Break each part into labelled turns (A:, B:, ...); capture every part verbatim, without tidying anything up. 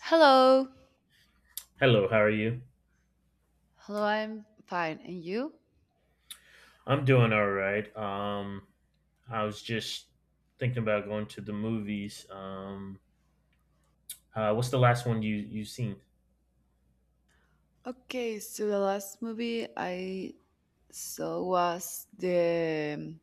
A: Hello.
B: Hello, how are you?
A: Hello, I'm fine. And you?
B: I'm doing all right. Um, I was just thinking about going to the movies. Um, uh, what's the last one you you seen?
A: Okay, so the last movie I saw was The um,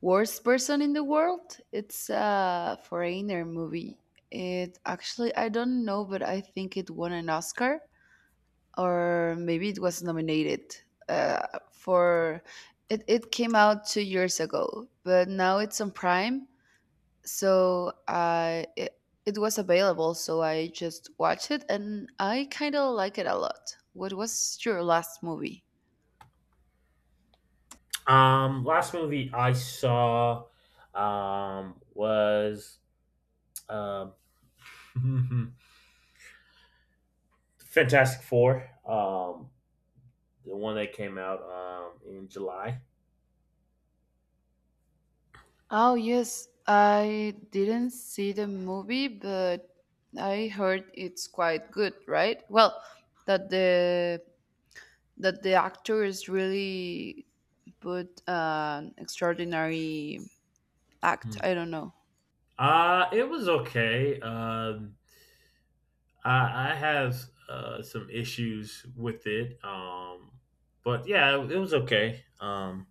A: Worst Person in the World. It's a foreigner movie. It actually, I don't know, but I think it won an Oscar or maybe it was nominated uh, for it, it came out two years ago, but now it's on Prime, so I it, it was available, so I just watched it and I kind of like it a lot. What was your last movie?
B: Um, last movie I saw um was um Fantastic Four. Um, the one that came out um in July.
A: Oh, yes, I didn't see the movie, but I heard it's quite good, right? Well, that the that the actors really put an extraordinary act.
B: Hmm.
A: I don't know.
B: Uh, it was okay. Um, I, I have uh, some issues with it, um, but yeah, it it was okay. Um,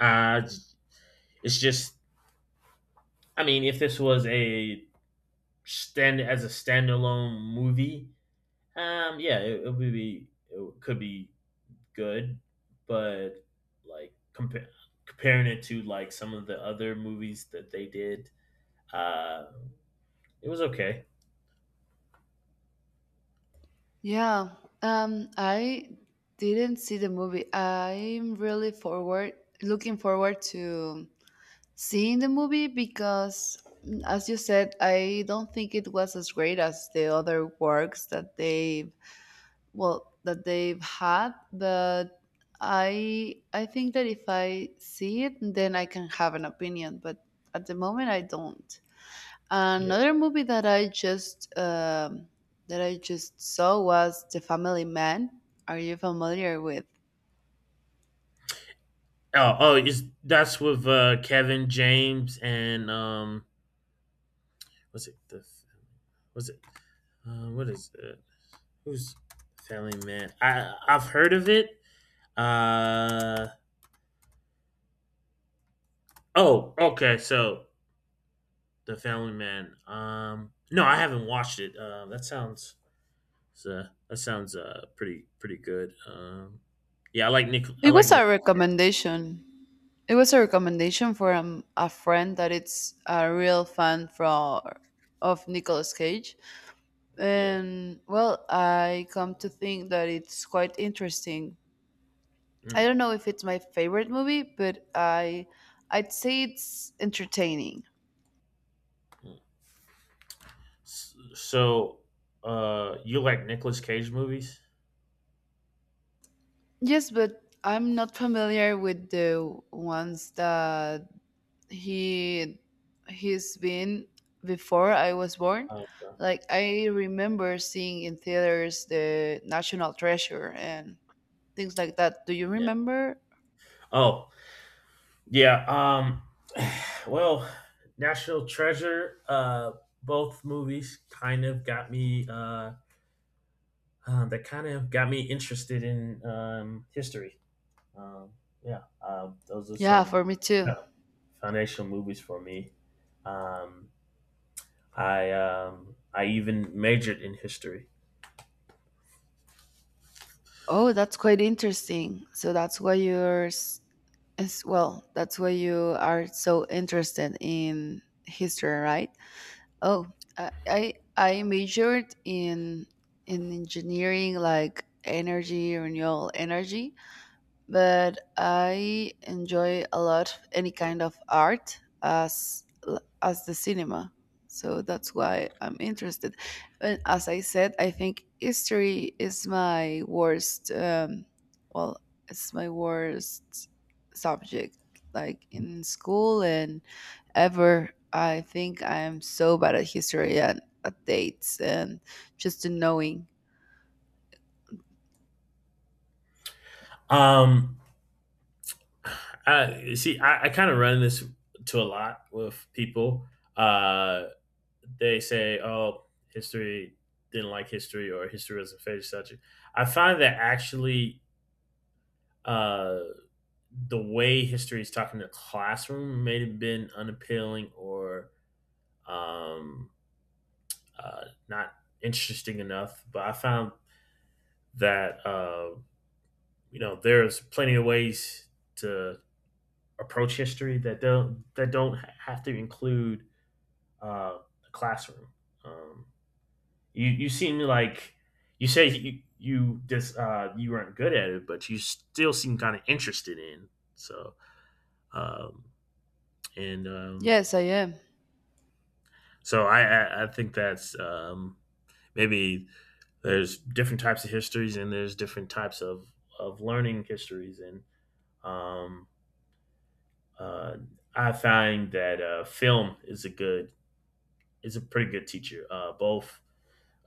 B: I, j- it's just, I mean, if this was a stand as a standalone movie, um, yeah, it, it would be it could be good, but like compare comparing it to like some of the other movies that they did, uh, it was okay.
A: Yeah, um, I didn't see the movie. I'm really forward looking forward to seeing the movie because, mm, as you said, I don't think it was as great as the other works that they've well that they've had. But I I think that if I see it, then I can have an opinion. But at the moment, I don't.
B: Yeah.
A: Another movie that I just um, that I just saw was The Family Man. Are you familiar with?
B: Oh, oh, is that's with uh, Kevin James and um What's it? The what's it? Uh, what is it? Who's Family Man? I I've heard of it. Uh oh, okay. So the Family Man. Um, no, I haven't watched it. Um, uh, that sounds uh, that sounds uh pretty pretty good. Um, yeah, I like Nick. I
A: It
B: like
A: was a
B: Nicolas Cage.
A: recommendation. It was a recommendation from a friend that it's a real fan from of Nicolas Cage.
B: Yeah.
A: And well, I come to think that it's quite interesting. I
B: Mm.
A: don't know if it's my favorite movie, but I I'd say it's entertaining.
B: S- So, uh, you like Nicolas Cage movies?
A: Yes, but I'm not familiar with the ones that he he's been before I was born.
B: Um,
A: Like I remember seeing in theaters the National Treasure and things like that. Do you
B: yeah.
A: remember?
B: Oh, yeah. Um. Well, National Treasure. Uh, both movies kind of got me. Uh, uh, that kind of got me interested in um, history. Um, yeah. Uh, those are
A: Yeah,
B: some
A: for me
B: uh,
A: too.
B: foundational movies for me. Um, I um, I even majored in history.
A: Oh, that's quite interesting. So that's why you're s- as well. That's why you are so interested in history, right? Oh, I I, I majored in in engineering, like energy, renewable energy, but I enjoy a lot any kind of art as l- as the cinema. So that's why I'm interested. And as I said, I think history is my worst. Um, well, it's my worst subject, like in school and ever. I think I am so bad at history and at dates and just in knowing.
B: Um, I see. I, I kind of run this to a lot with people. Uh, they say, "Oh, history didn't like history," or "History was a favorite subject." I find that actually uh, the way history is taught in the classroom may have been unappealing or um, uh, not interesting enough. But I found that uh, you know there's plenty of ways to approach history that don't that don't have to include uh, the classroom. Um, You you seem like you say you you just uh, you weren't good at it, but you still seem kind of interested in. So um, and um,
A: Yes, I am.
B: so I, I I think that's um, maybe there's different types of histories and there's different types of of learning histories and um, uh, I find that uh, film is a good is a pretty good teacher. Uh, both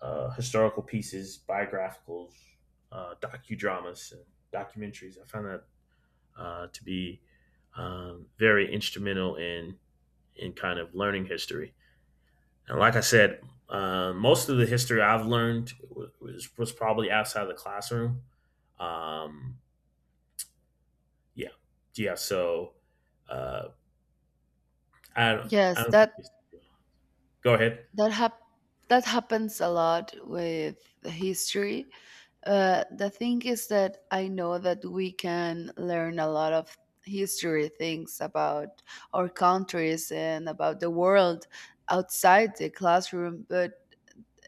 B: uh, historical pieces, biographicals, uh, docudramas, and documentaries. I found that uh, to be um, very instrumental in in kind of learning history. And like I said, uh, most of the history I've learned was, was probably outside the classroom. Um, yeah, yeah. So uh, I don't, I
A: Yes,
B: don't think.
A: that
B: Go ahead.
A: that hap- that happens a lot with the history. Uh, the thing is that I know that we can learn a lot of history things about our countries and about the world outside the classroom, but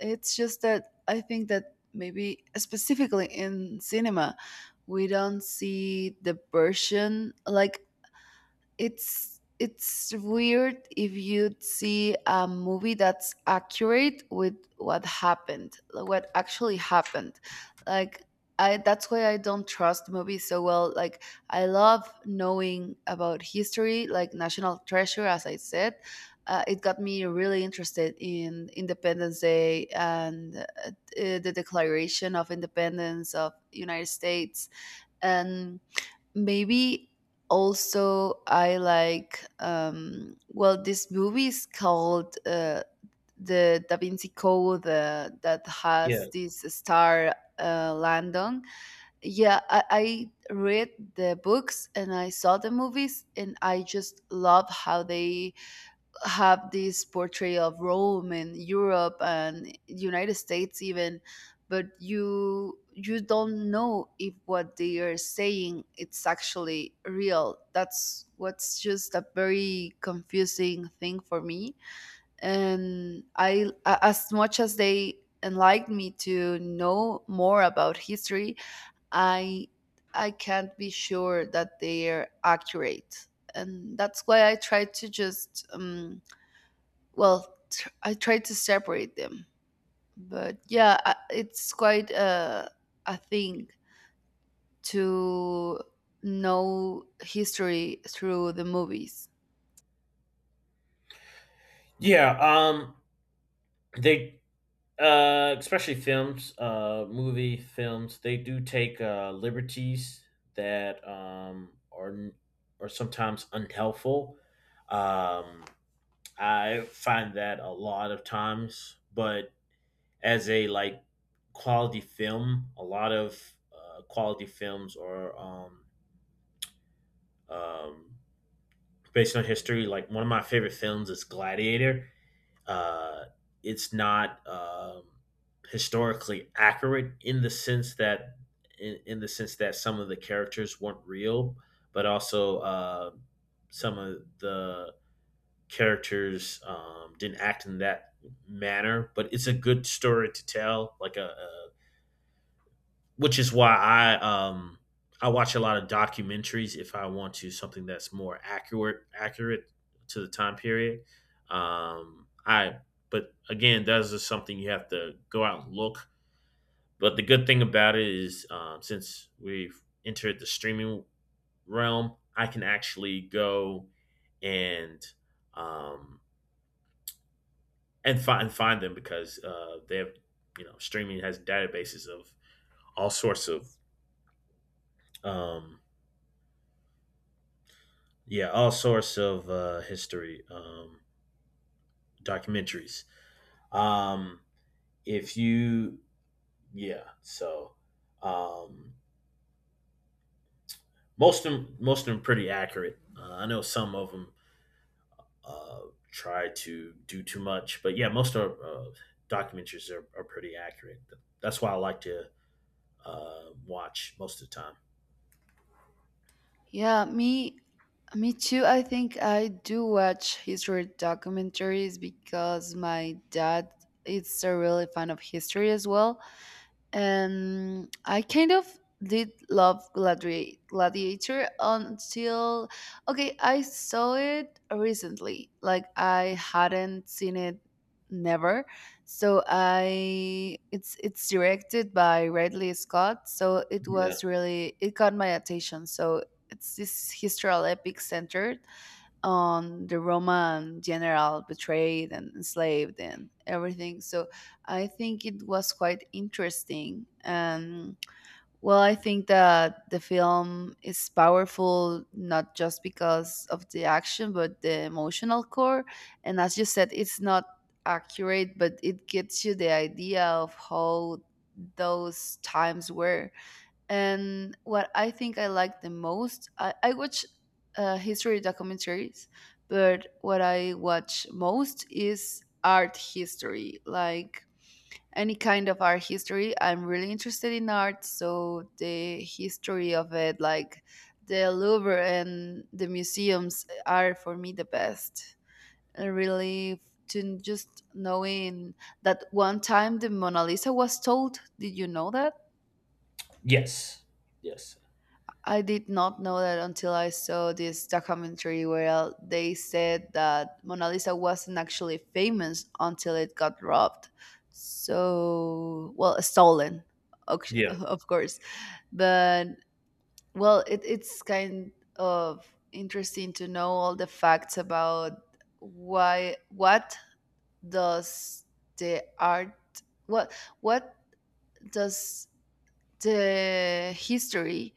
A: it's just that I think that maybe specifically in cinema, we don't see the version, like it's it's weird if you'd see a movie that's accurate with what happened, like what actually happened. Like, I that's why I don't trust movies so well. Like, I love knowing about history. Like National Treasure, as I said, uh, it got me really interested in Independence Day and, uh, the Declaration of Independence of United States. And maybe also I like, um well, this movie is called, uh, the Da Vinci Code, uh, that
B: Yeah,
A: has this star, uh, Landon. Yeah, I, I read the books and I saw the movies, and I just love how they have this portrayal of Rome and Europe and United States even, but you you don't know if what they are saying it's actually real. That's what's just a very confusing thing for me. And I a- as much as they enlightened me to know more about history, I I can't be sure that they're accurate. And that's why I try to just, um, well, tr- I tried to separate them, but yeah, I- it's quite a, a thing to know history through the movies.
B: yeah. Um, they Uh, especially films, uh, movie films, they do take uh, liberties that um, are n- are sometimes unhelpful. Um, I find that a lot of times, but as a like quality film, a lot of uh, quality films are um, um, based on history. Like one of my favorite films is Gladiator uh, it's not um, historically accurate in the sense that in, in the sense that some of the characters weren't real, but also uh, some of the characters um, didn't act in that manner. But it's a good story to tell, like a, a which is why I um I watch a lot of documentaries if I want to something that's more accurate accurate to the time period. Um, I but again, that is something you have to go out and look. But the good thing about it is, um, since we've entered the streaming realm, I can actually go and um, and find find them because uh, they have you know streaming has databases of all sorts of um, yeah, all sorts of uh, history um, documentaries. Um, if you, yeah, so um, most of them, most of them pretty accurate. Uh, I know some of them uh, try to do too much, but yeah, most of uh, documentaries are, are pretty accurate. That's why I like to uh, watch most of the time.
A: Yeah, me me too. I think I do watch history documentaries because my dad is a really fan of history as well, and I kind of did love Gladiator, Gladiator until, okay, I saw it recently. Like I hadn't seen it never. So I it's it's directed by Ridley Scott, so it
B: Yeah.
A: was really it caught my attention. So it's this historical epic centered on the Roman general betrayed and enslaved and everything. So I think it was quite interesting. And well, I think that the film is powerful not just because of the action, but the emotional core. And as you said, it's not accurate, but it gets you the idea of how those times were. And what I think I like the most, I, I watch uh, history documentaries, but what I watch most is art history, like any kind of art history. I'm really interested in art, so the history of it, like the Louvre and the museums, are for me the best. And really, to just knowing that one time the Mona Lisa was told, did you know that?
B: Yes. Yes.
A: I did not know that until I saw this documentary where, uh, they said that Mona Lisa wasn't actually famous until it got robbed. So, well, stolen, oc-
B: Yeah.
A: of course. But, well, it, it's kind of interesting to know all the facts about why, what does the art, what, what does the history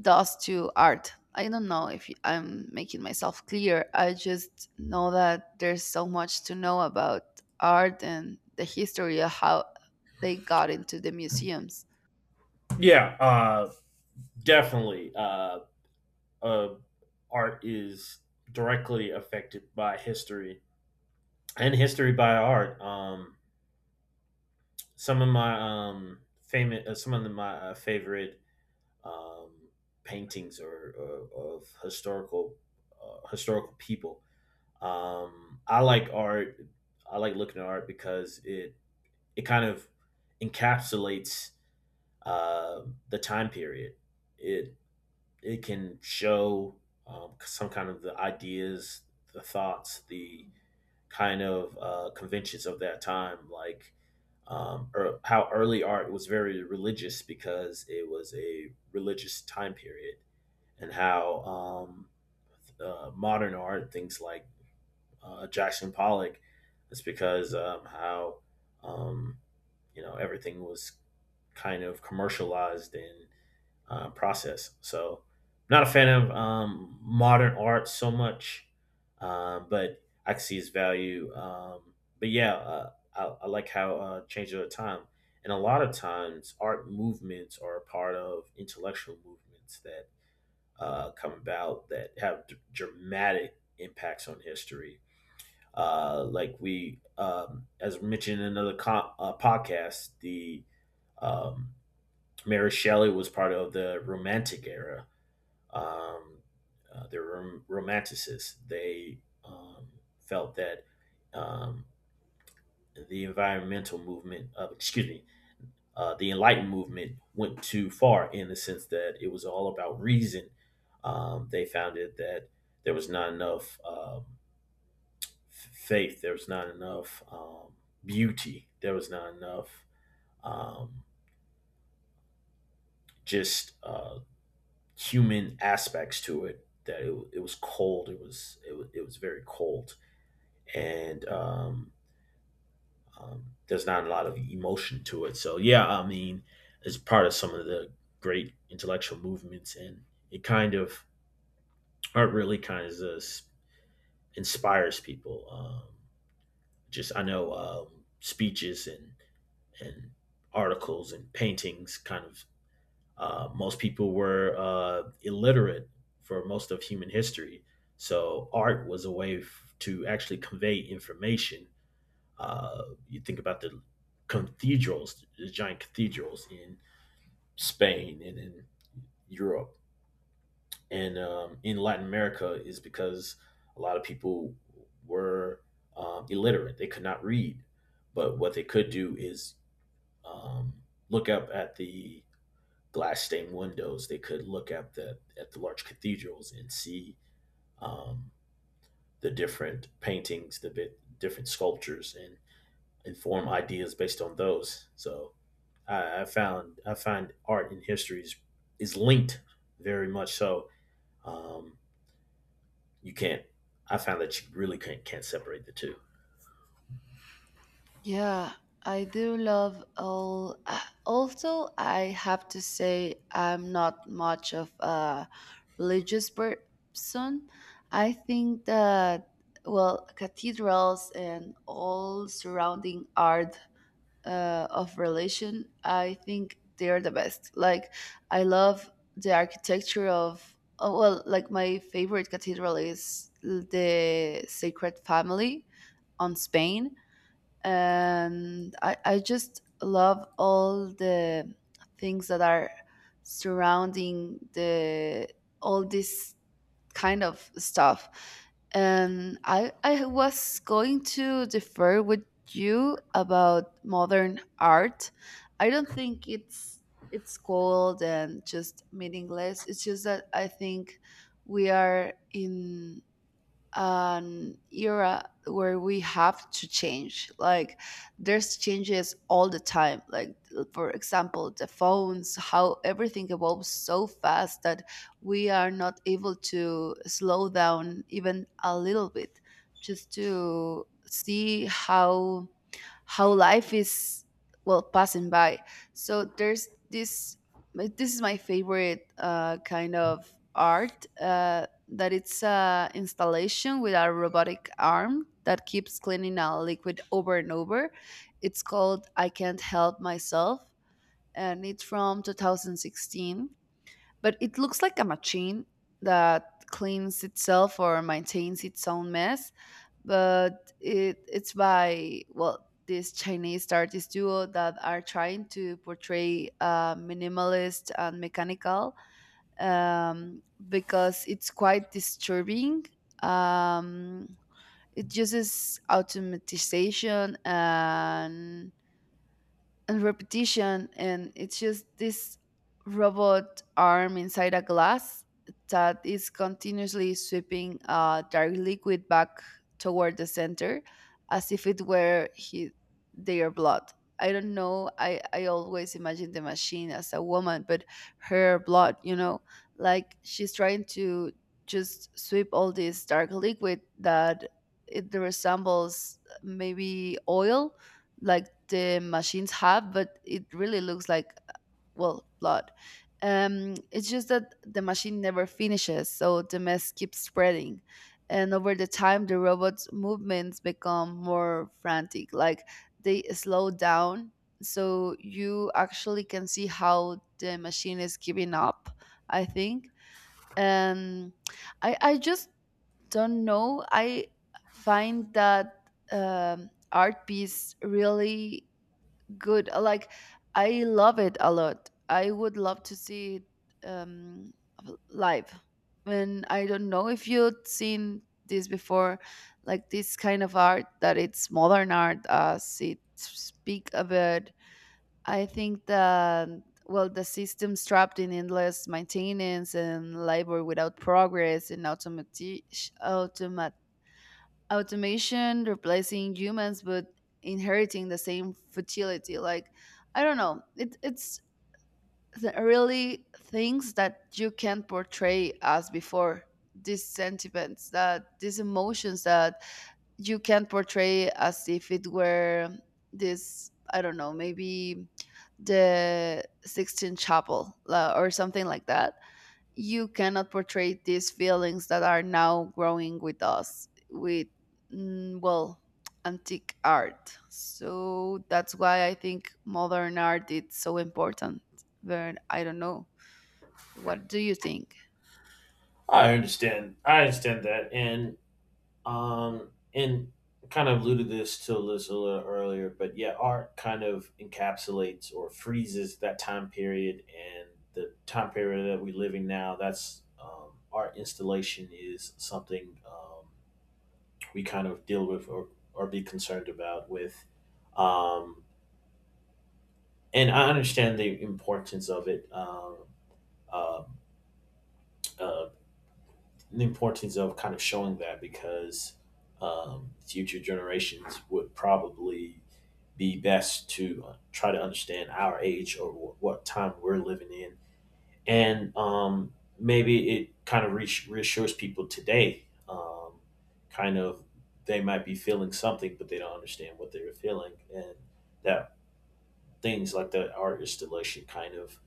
A: does to art. I don't know if i I'm making myself clear. I just know that there's so much to know about art and the history of how they got into the museums.
B: Yeah. Uh, definitely. Uh, uh, art is directly affected by history and history by art. Um, some of my um, famous, uh, some of the, my uh, favorite um, paintings or, or of historical uh, historical people. Um, I like art. I like looking at art because it it kind of encapsulates uh, the time period. It it can show um, some kind of the ideas, the thoughts, the kind of uh, conventions of that time, like um, or how early art was very religious because it was a religious time period, and how um, uh, modern art, things like uh, Jackson Pollock, is because um, how um, you know everything was kind of commercialized and uh, process. So, I'm not a fan of um, modern art so much, uh, but I can see its value. Um, but yeah, uh, I, I like how uh, it changes over time, and a lot of times art movements are a part of intellectual movements that uh, come about that have d- dramatic impacts on history. Uh, like we, um, as mentioned in another co- uh, podcast, the um, Mary Shelley was part of the Romantic era, um, uh, they were romanticists. They um, felt that um, the environmental movement, uh, excuse me, uh, the Enlightenment movement went too far in the sense that it was all about reason. Um, they found it that there was not enough um, f- faith, there was not enough um, beauty, there was not enough um, just uh, human aspects to it. That it, it was cold. It was it, wa- it was very cold. And um, um, there's not a lot of emotion to it. So yeah, I mean, it's part of some of the great intellectual movements, and it kind of art really kind of s- inspires people. Um, just I know um, speeches and and articles and paintings kind of uh, most people were uh, illiterate for most of human history, so art was a way f- to actually convey information Uh, you think about the cathedrals, the giant cathedrals in Spain and in Europe and um, in Latin America is because a lot of people were um, illiterate. They could not read, but what they could do is um, look up at the glass stained windows. They could look at the at the large cathedrals and see um, the different paintings, the bit, different sculptures, and and form ideas based on those. So I, I found I find art and history is, is linked very much so. Um, you can't. I found that you really can't can't separate the two.
A: Yeah, I do love all. ah, Also, I have to say, I'm not much of a religious person. I think that, well, cathedrals and all surrounding art, uh, of relation, I think they're the best. Like, I love the architecture of, oh, well, like my favorite cathedral is the Sacred Family on Spain, and i, I just love all the things that are surrounding the, all these kind of stuff. And I I was going to defer with you about modern art. I don't think it's it's cold and just meaningless. It's just that I think we are in an era where we have to change. Like, there's changes all the time. Like, for example, the phones, how everything evolves so fast that we are not able to slow down even a little bit, just to see how how life is, well, passing by. So there's this. This is my favorite uh, kind of art, uh, that it's a installation with a robotic arm that keeps cleaning a liquid over and over. It's called I Can't Help Myself, and it's from twenty sixteen, but it looks like a machine that cleans itself or maintains its own mess. But it it's by, well, this Chinese artist duo that are trying to portray, uh, minimalist and mechanical, um, because it's quite disturbing. um, it uses automatization and and repetition, and it's just this robot arm inside a glass that is continuously sweeping uh, dark liquid back toward the center, as if it were he, their blood. I don't know, I, I always imagine the machine as a woman, but her blood, you know like she's trying to just sweep all this dark liquid that it resembles, maybe oil, like the machines have, but it really looks like, well, blood. Um, it's just that the machine never finishes, so the mess keeps spreading. And over the time, the robot's movements become more frantic, like they slow down. So you actually can see how the machine is giving up, I think. And I, I just don't know. I find that, um, art piece really good. Uh, like, I love it a lot. I would love to see it, um v- live. And I don't know if you've seen this before, like this kind of art that it's modern art, as it speak about. I think that, well, the system trapped in endless maintenance and labor without progress, and automati- automation replacing humans but inheriting the same futility. Like, I don't know, it, it's th- really things that you can't portray as before. These sentiments, that these emotions that you can't portray, as if it were this, I don't know, maybe the Sixteen chapel, la- or something like that. You cannot portray these feelings that are now growing with us with, mm, well, antique art. So that's why I think modern art is so important. But I don't know, what do you think?
B: I understand. I understand that, and um, and kind of alluded this to this a little earlier, but yeah, art kind of encapsulates or freezes that time period and the time period that we're living now. That's um, art installation is something um, we kind of deal with or, or be concerned about with um, and I understand the importance of it um, uh, uh, the importance of kind of showing that because um, future generations would probably be best to uh, try to understand our age or wh- what time we're living in and um, maybe it kind of reass- reassures people today um, kind of they might be feeling something but they don't understand what they're feeling and that things like the art installation kind of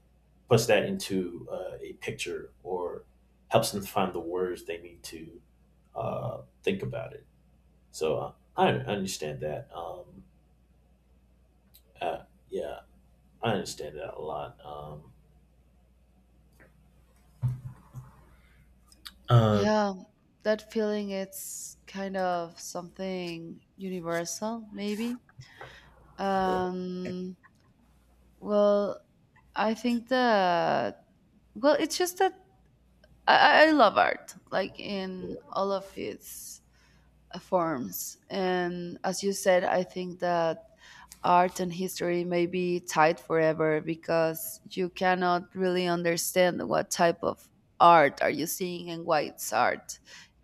B: puts that into uh, a picture or helps them find the words they need to uh, think about it so uh, I understand that um, uh, yeah I understand that a lot um, uh,
A: Yeah, that feeling, it's kind of something universal maybe. Um well, I think that, well, it's just that, i, I I love art, like in all of its forms. And as you said, I think that art and history may be tied forever, because you cannot really understand what type of art are you seeing and why it's art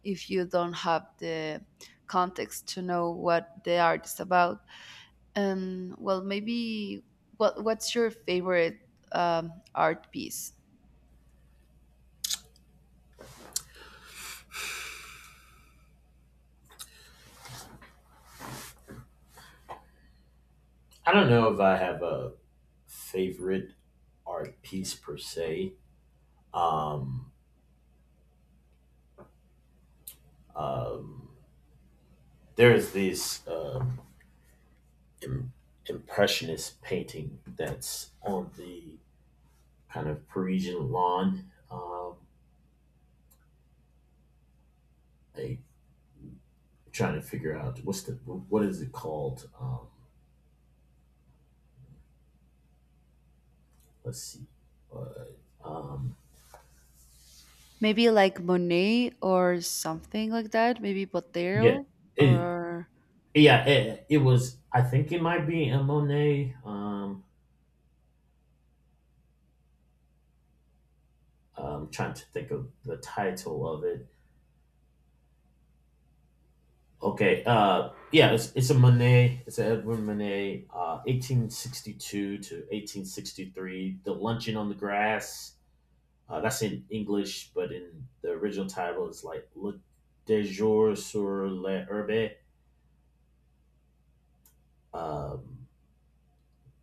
A: if you don't have the context to know what the art is about. And well, maybe, what what's your favorite, um, art piece?
B: I don't know if I have a favorite art piece per se. Um, um, there's this um, im- impressionist painting that's on the kind of Parisian lawn. Um, I trying to figure out what's the what is it called? Um, let's see. Uh, um,
A: Maybe like Monet or something like that. Maybe
B: yeah,
A: Botero
B: it,
A: or.
B: yeah, it, it was. I think it might be a Monet. Um, I'm trying to think of the title of it Okay. Uh, yeah, it's, it's a Monet. It's an Edward Monet, uh, eighteen sixty-two to eighteen sixty-three. The Luncheon on the Grass. Uh, that's in English, but in the original title, it's like Le Déjeuner sur l'herbe. Um,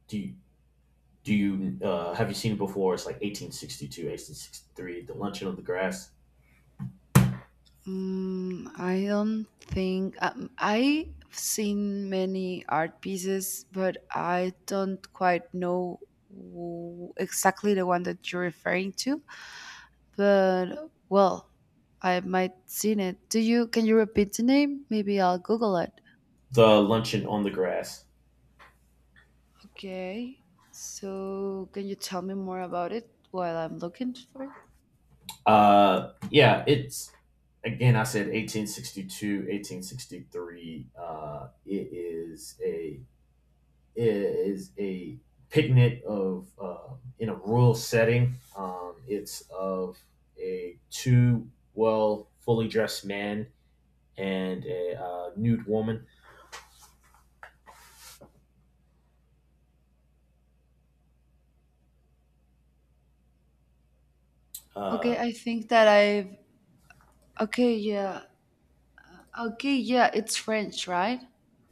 B: do you, do you uh, have you seen it before? It's like eighteen sixty-two, eighteen sixty-three. The Luncheon on the Grass.
A: Mm, I don't think, um, I've seen many art pieces, but I don't quite know wh- exactly the one that you're referring to. But, well, I might seen it. Do you? Can you repeat the name? Maybe I'll Google it.
B: The Luncheon on the Grass.
A: Okay. So can you tell me more about it while I'm looking for it?
B: Uh, yeah, it's again, I said eighteen sixty two, eighteen sixty three. eighteen sixty-three. Uh, it is a it is a picnic of uh, in a rural setting. Um, it's of a two well fully dressed men and a uh, nude woman.
A: Okay,
B: Uh,
A: I think that I've. Okay, yeah. Okay, yeah. It's French, right?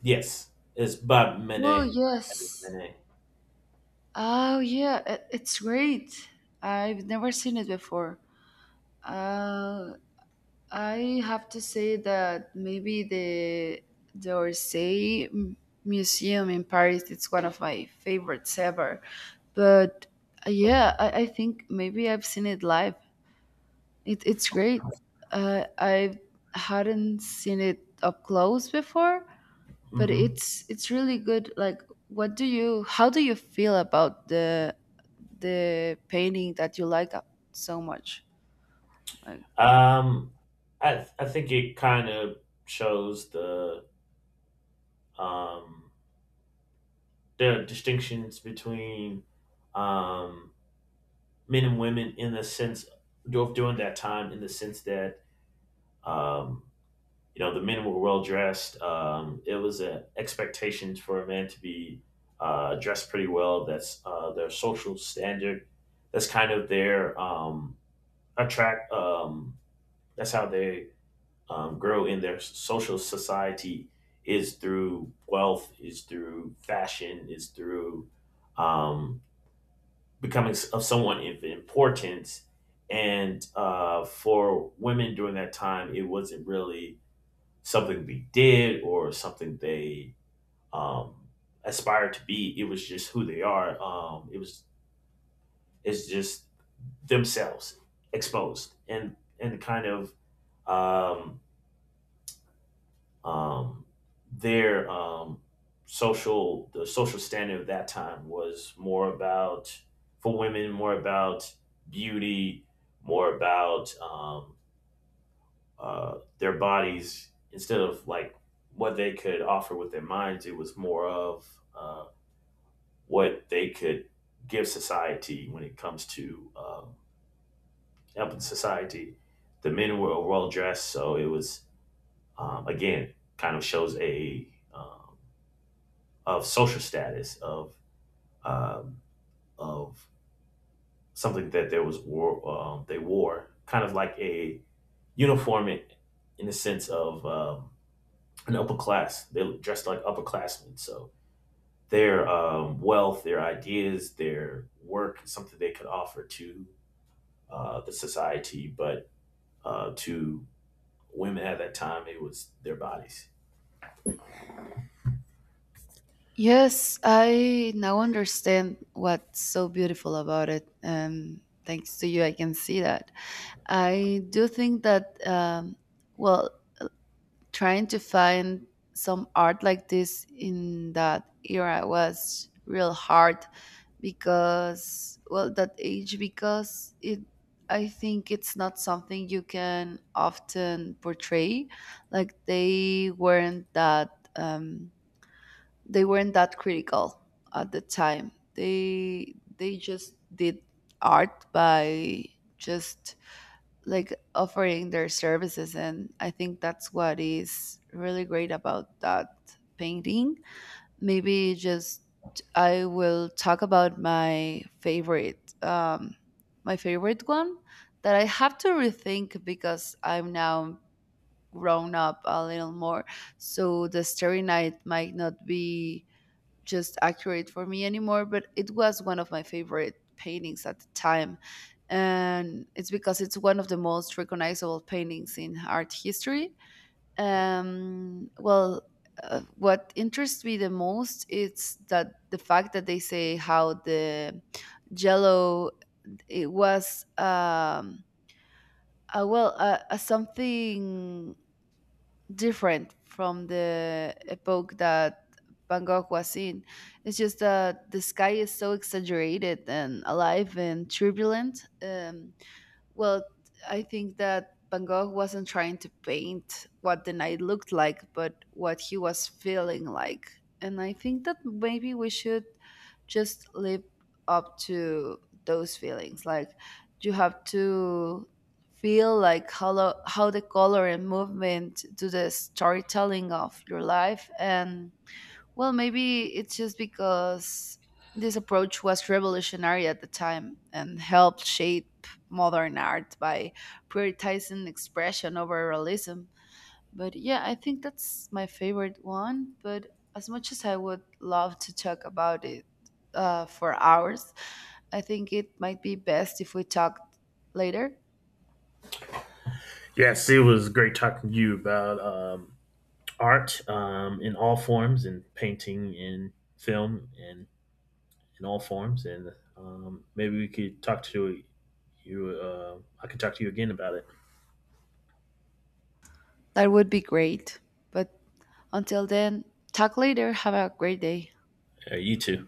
B: yes, it's Bob
A: Oh
B: Manet.
A: yes.
B: Manet.
A: Oh yeah, it, it's great. I've never seen it before. Uh, I have to say that maybe the the Orsay M- Museum in Paris, it's one of my favorites ever. But uh, yeah, I, I think maybe I've seen it live. It, it's great. Uh, I hadn't seen it up close before, but
B: Mm-hmm.
A: it's it's really good. Like, what do you how do you feel about the the painting that you like up so much, like.
B: Um, I th- I think it kind of shows the um there are distinctions between um, men and women in the sense of during that time, in the sense that um, you know the men were well dressed. Um, it was an expectation for a man to be uh, dressed pretty well. That's uh, their social standard. That's kind of their um, attract. Um, that's how they um, grow in their social society is through wealth, is through fashion, is through um, becoming s- of someone of importance. And uh, for women during that time, it wasn't really something they did or something they um, aspired to be. It was just who they are. Um, it was it's just themselves exposed and and kind of um, um, their um, social the social standard of that time was more about for women more about beauty more about um, uh, their bodies instead of like what they could offer with their minds. It was more of uh, what they could give society when it comes to um, helping society. The men were well dressed so it was um, again kind of shows a um, of social status of um, of something that there was war um, they wore kind of like a uniform in, in the sense of um, an upper class. They dressed like upperclassmen so their um, wealth their ideas their work something they could offer to uh, the society but uh, to women at that time it was their bodies.
A: Yes, I now understand what's so beautiful about it, and thanks to you I can see that. I do think that, um well, trying to find some art like this in that era was real hard, because, well, that age, because it I think it's not something you can often portray. Like, they weren't that um they weren't that critical at the time. They they just did art by just like offering their services, and I think that's what is really great about that painting. Maybe just I will talk about my favorite, um my favorite one, that I have to rethink because I'm now grown up a little more. So the Starry Night might not be just accurate for me anymore, but it was one of my favorite paintings at the time. And it's because it's one of the most recognizable paintings in art history. Um, well, uh, what interests me the most is that the fact that they say how the jello it was, um, uh, well, uh, uh, something different from the epoch that Van Gogh was in. It's just that the sky is so exaggerated and alive and turbulent. Um, well, I think that Van Gogh wasn't trying to paint what the night looked like, but what he was feeling like. And I think that maybe we should just live up to those feelings. Like, you have to feel like how, lo- how the color and movement do the storytelling of your life. And well, maybe it's just because this approach was revolutionary at the time and helped shape modern art by prioritizing expression over realism. But yeah, I think that's my favorite one. But as much as I would love to talk about it uh, for hours, I think it might be best if we talk later.
B: Yes, it was great talking to you about um, art um, in all forms and painting and film and in all forms and um, maybe we could talk to you uh, I could talk to you again about it
A: That would be great. But until then, talk later. Have a great day.
B: uh, you too.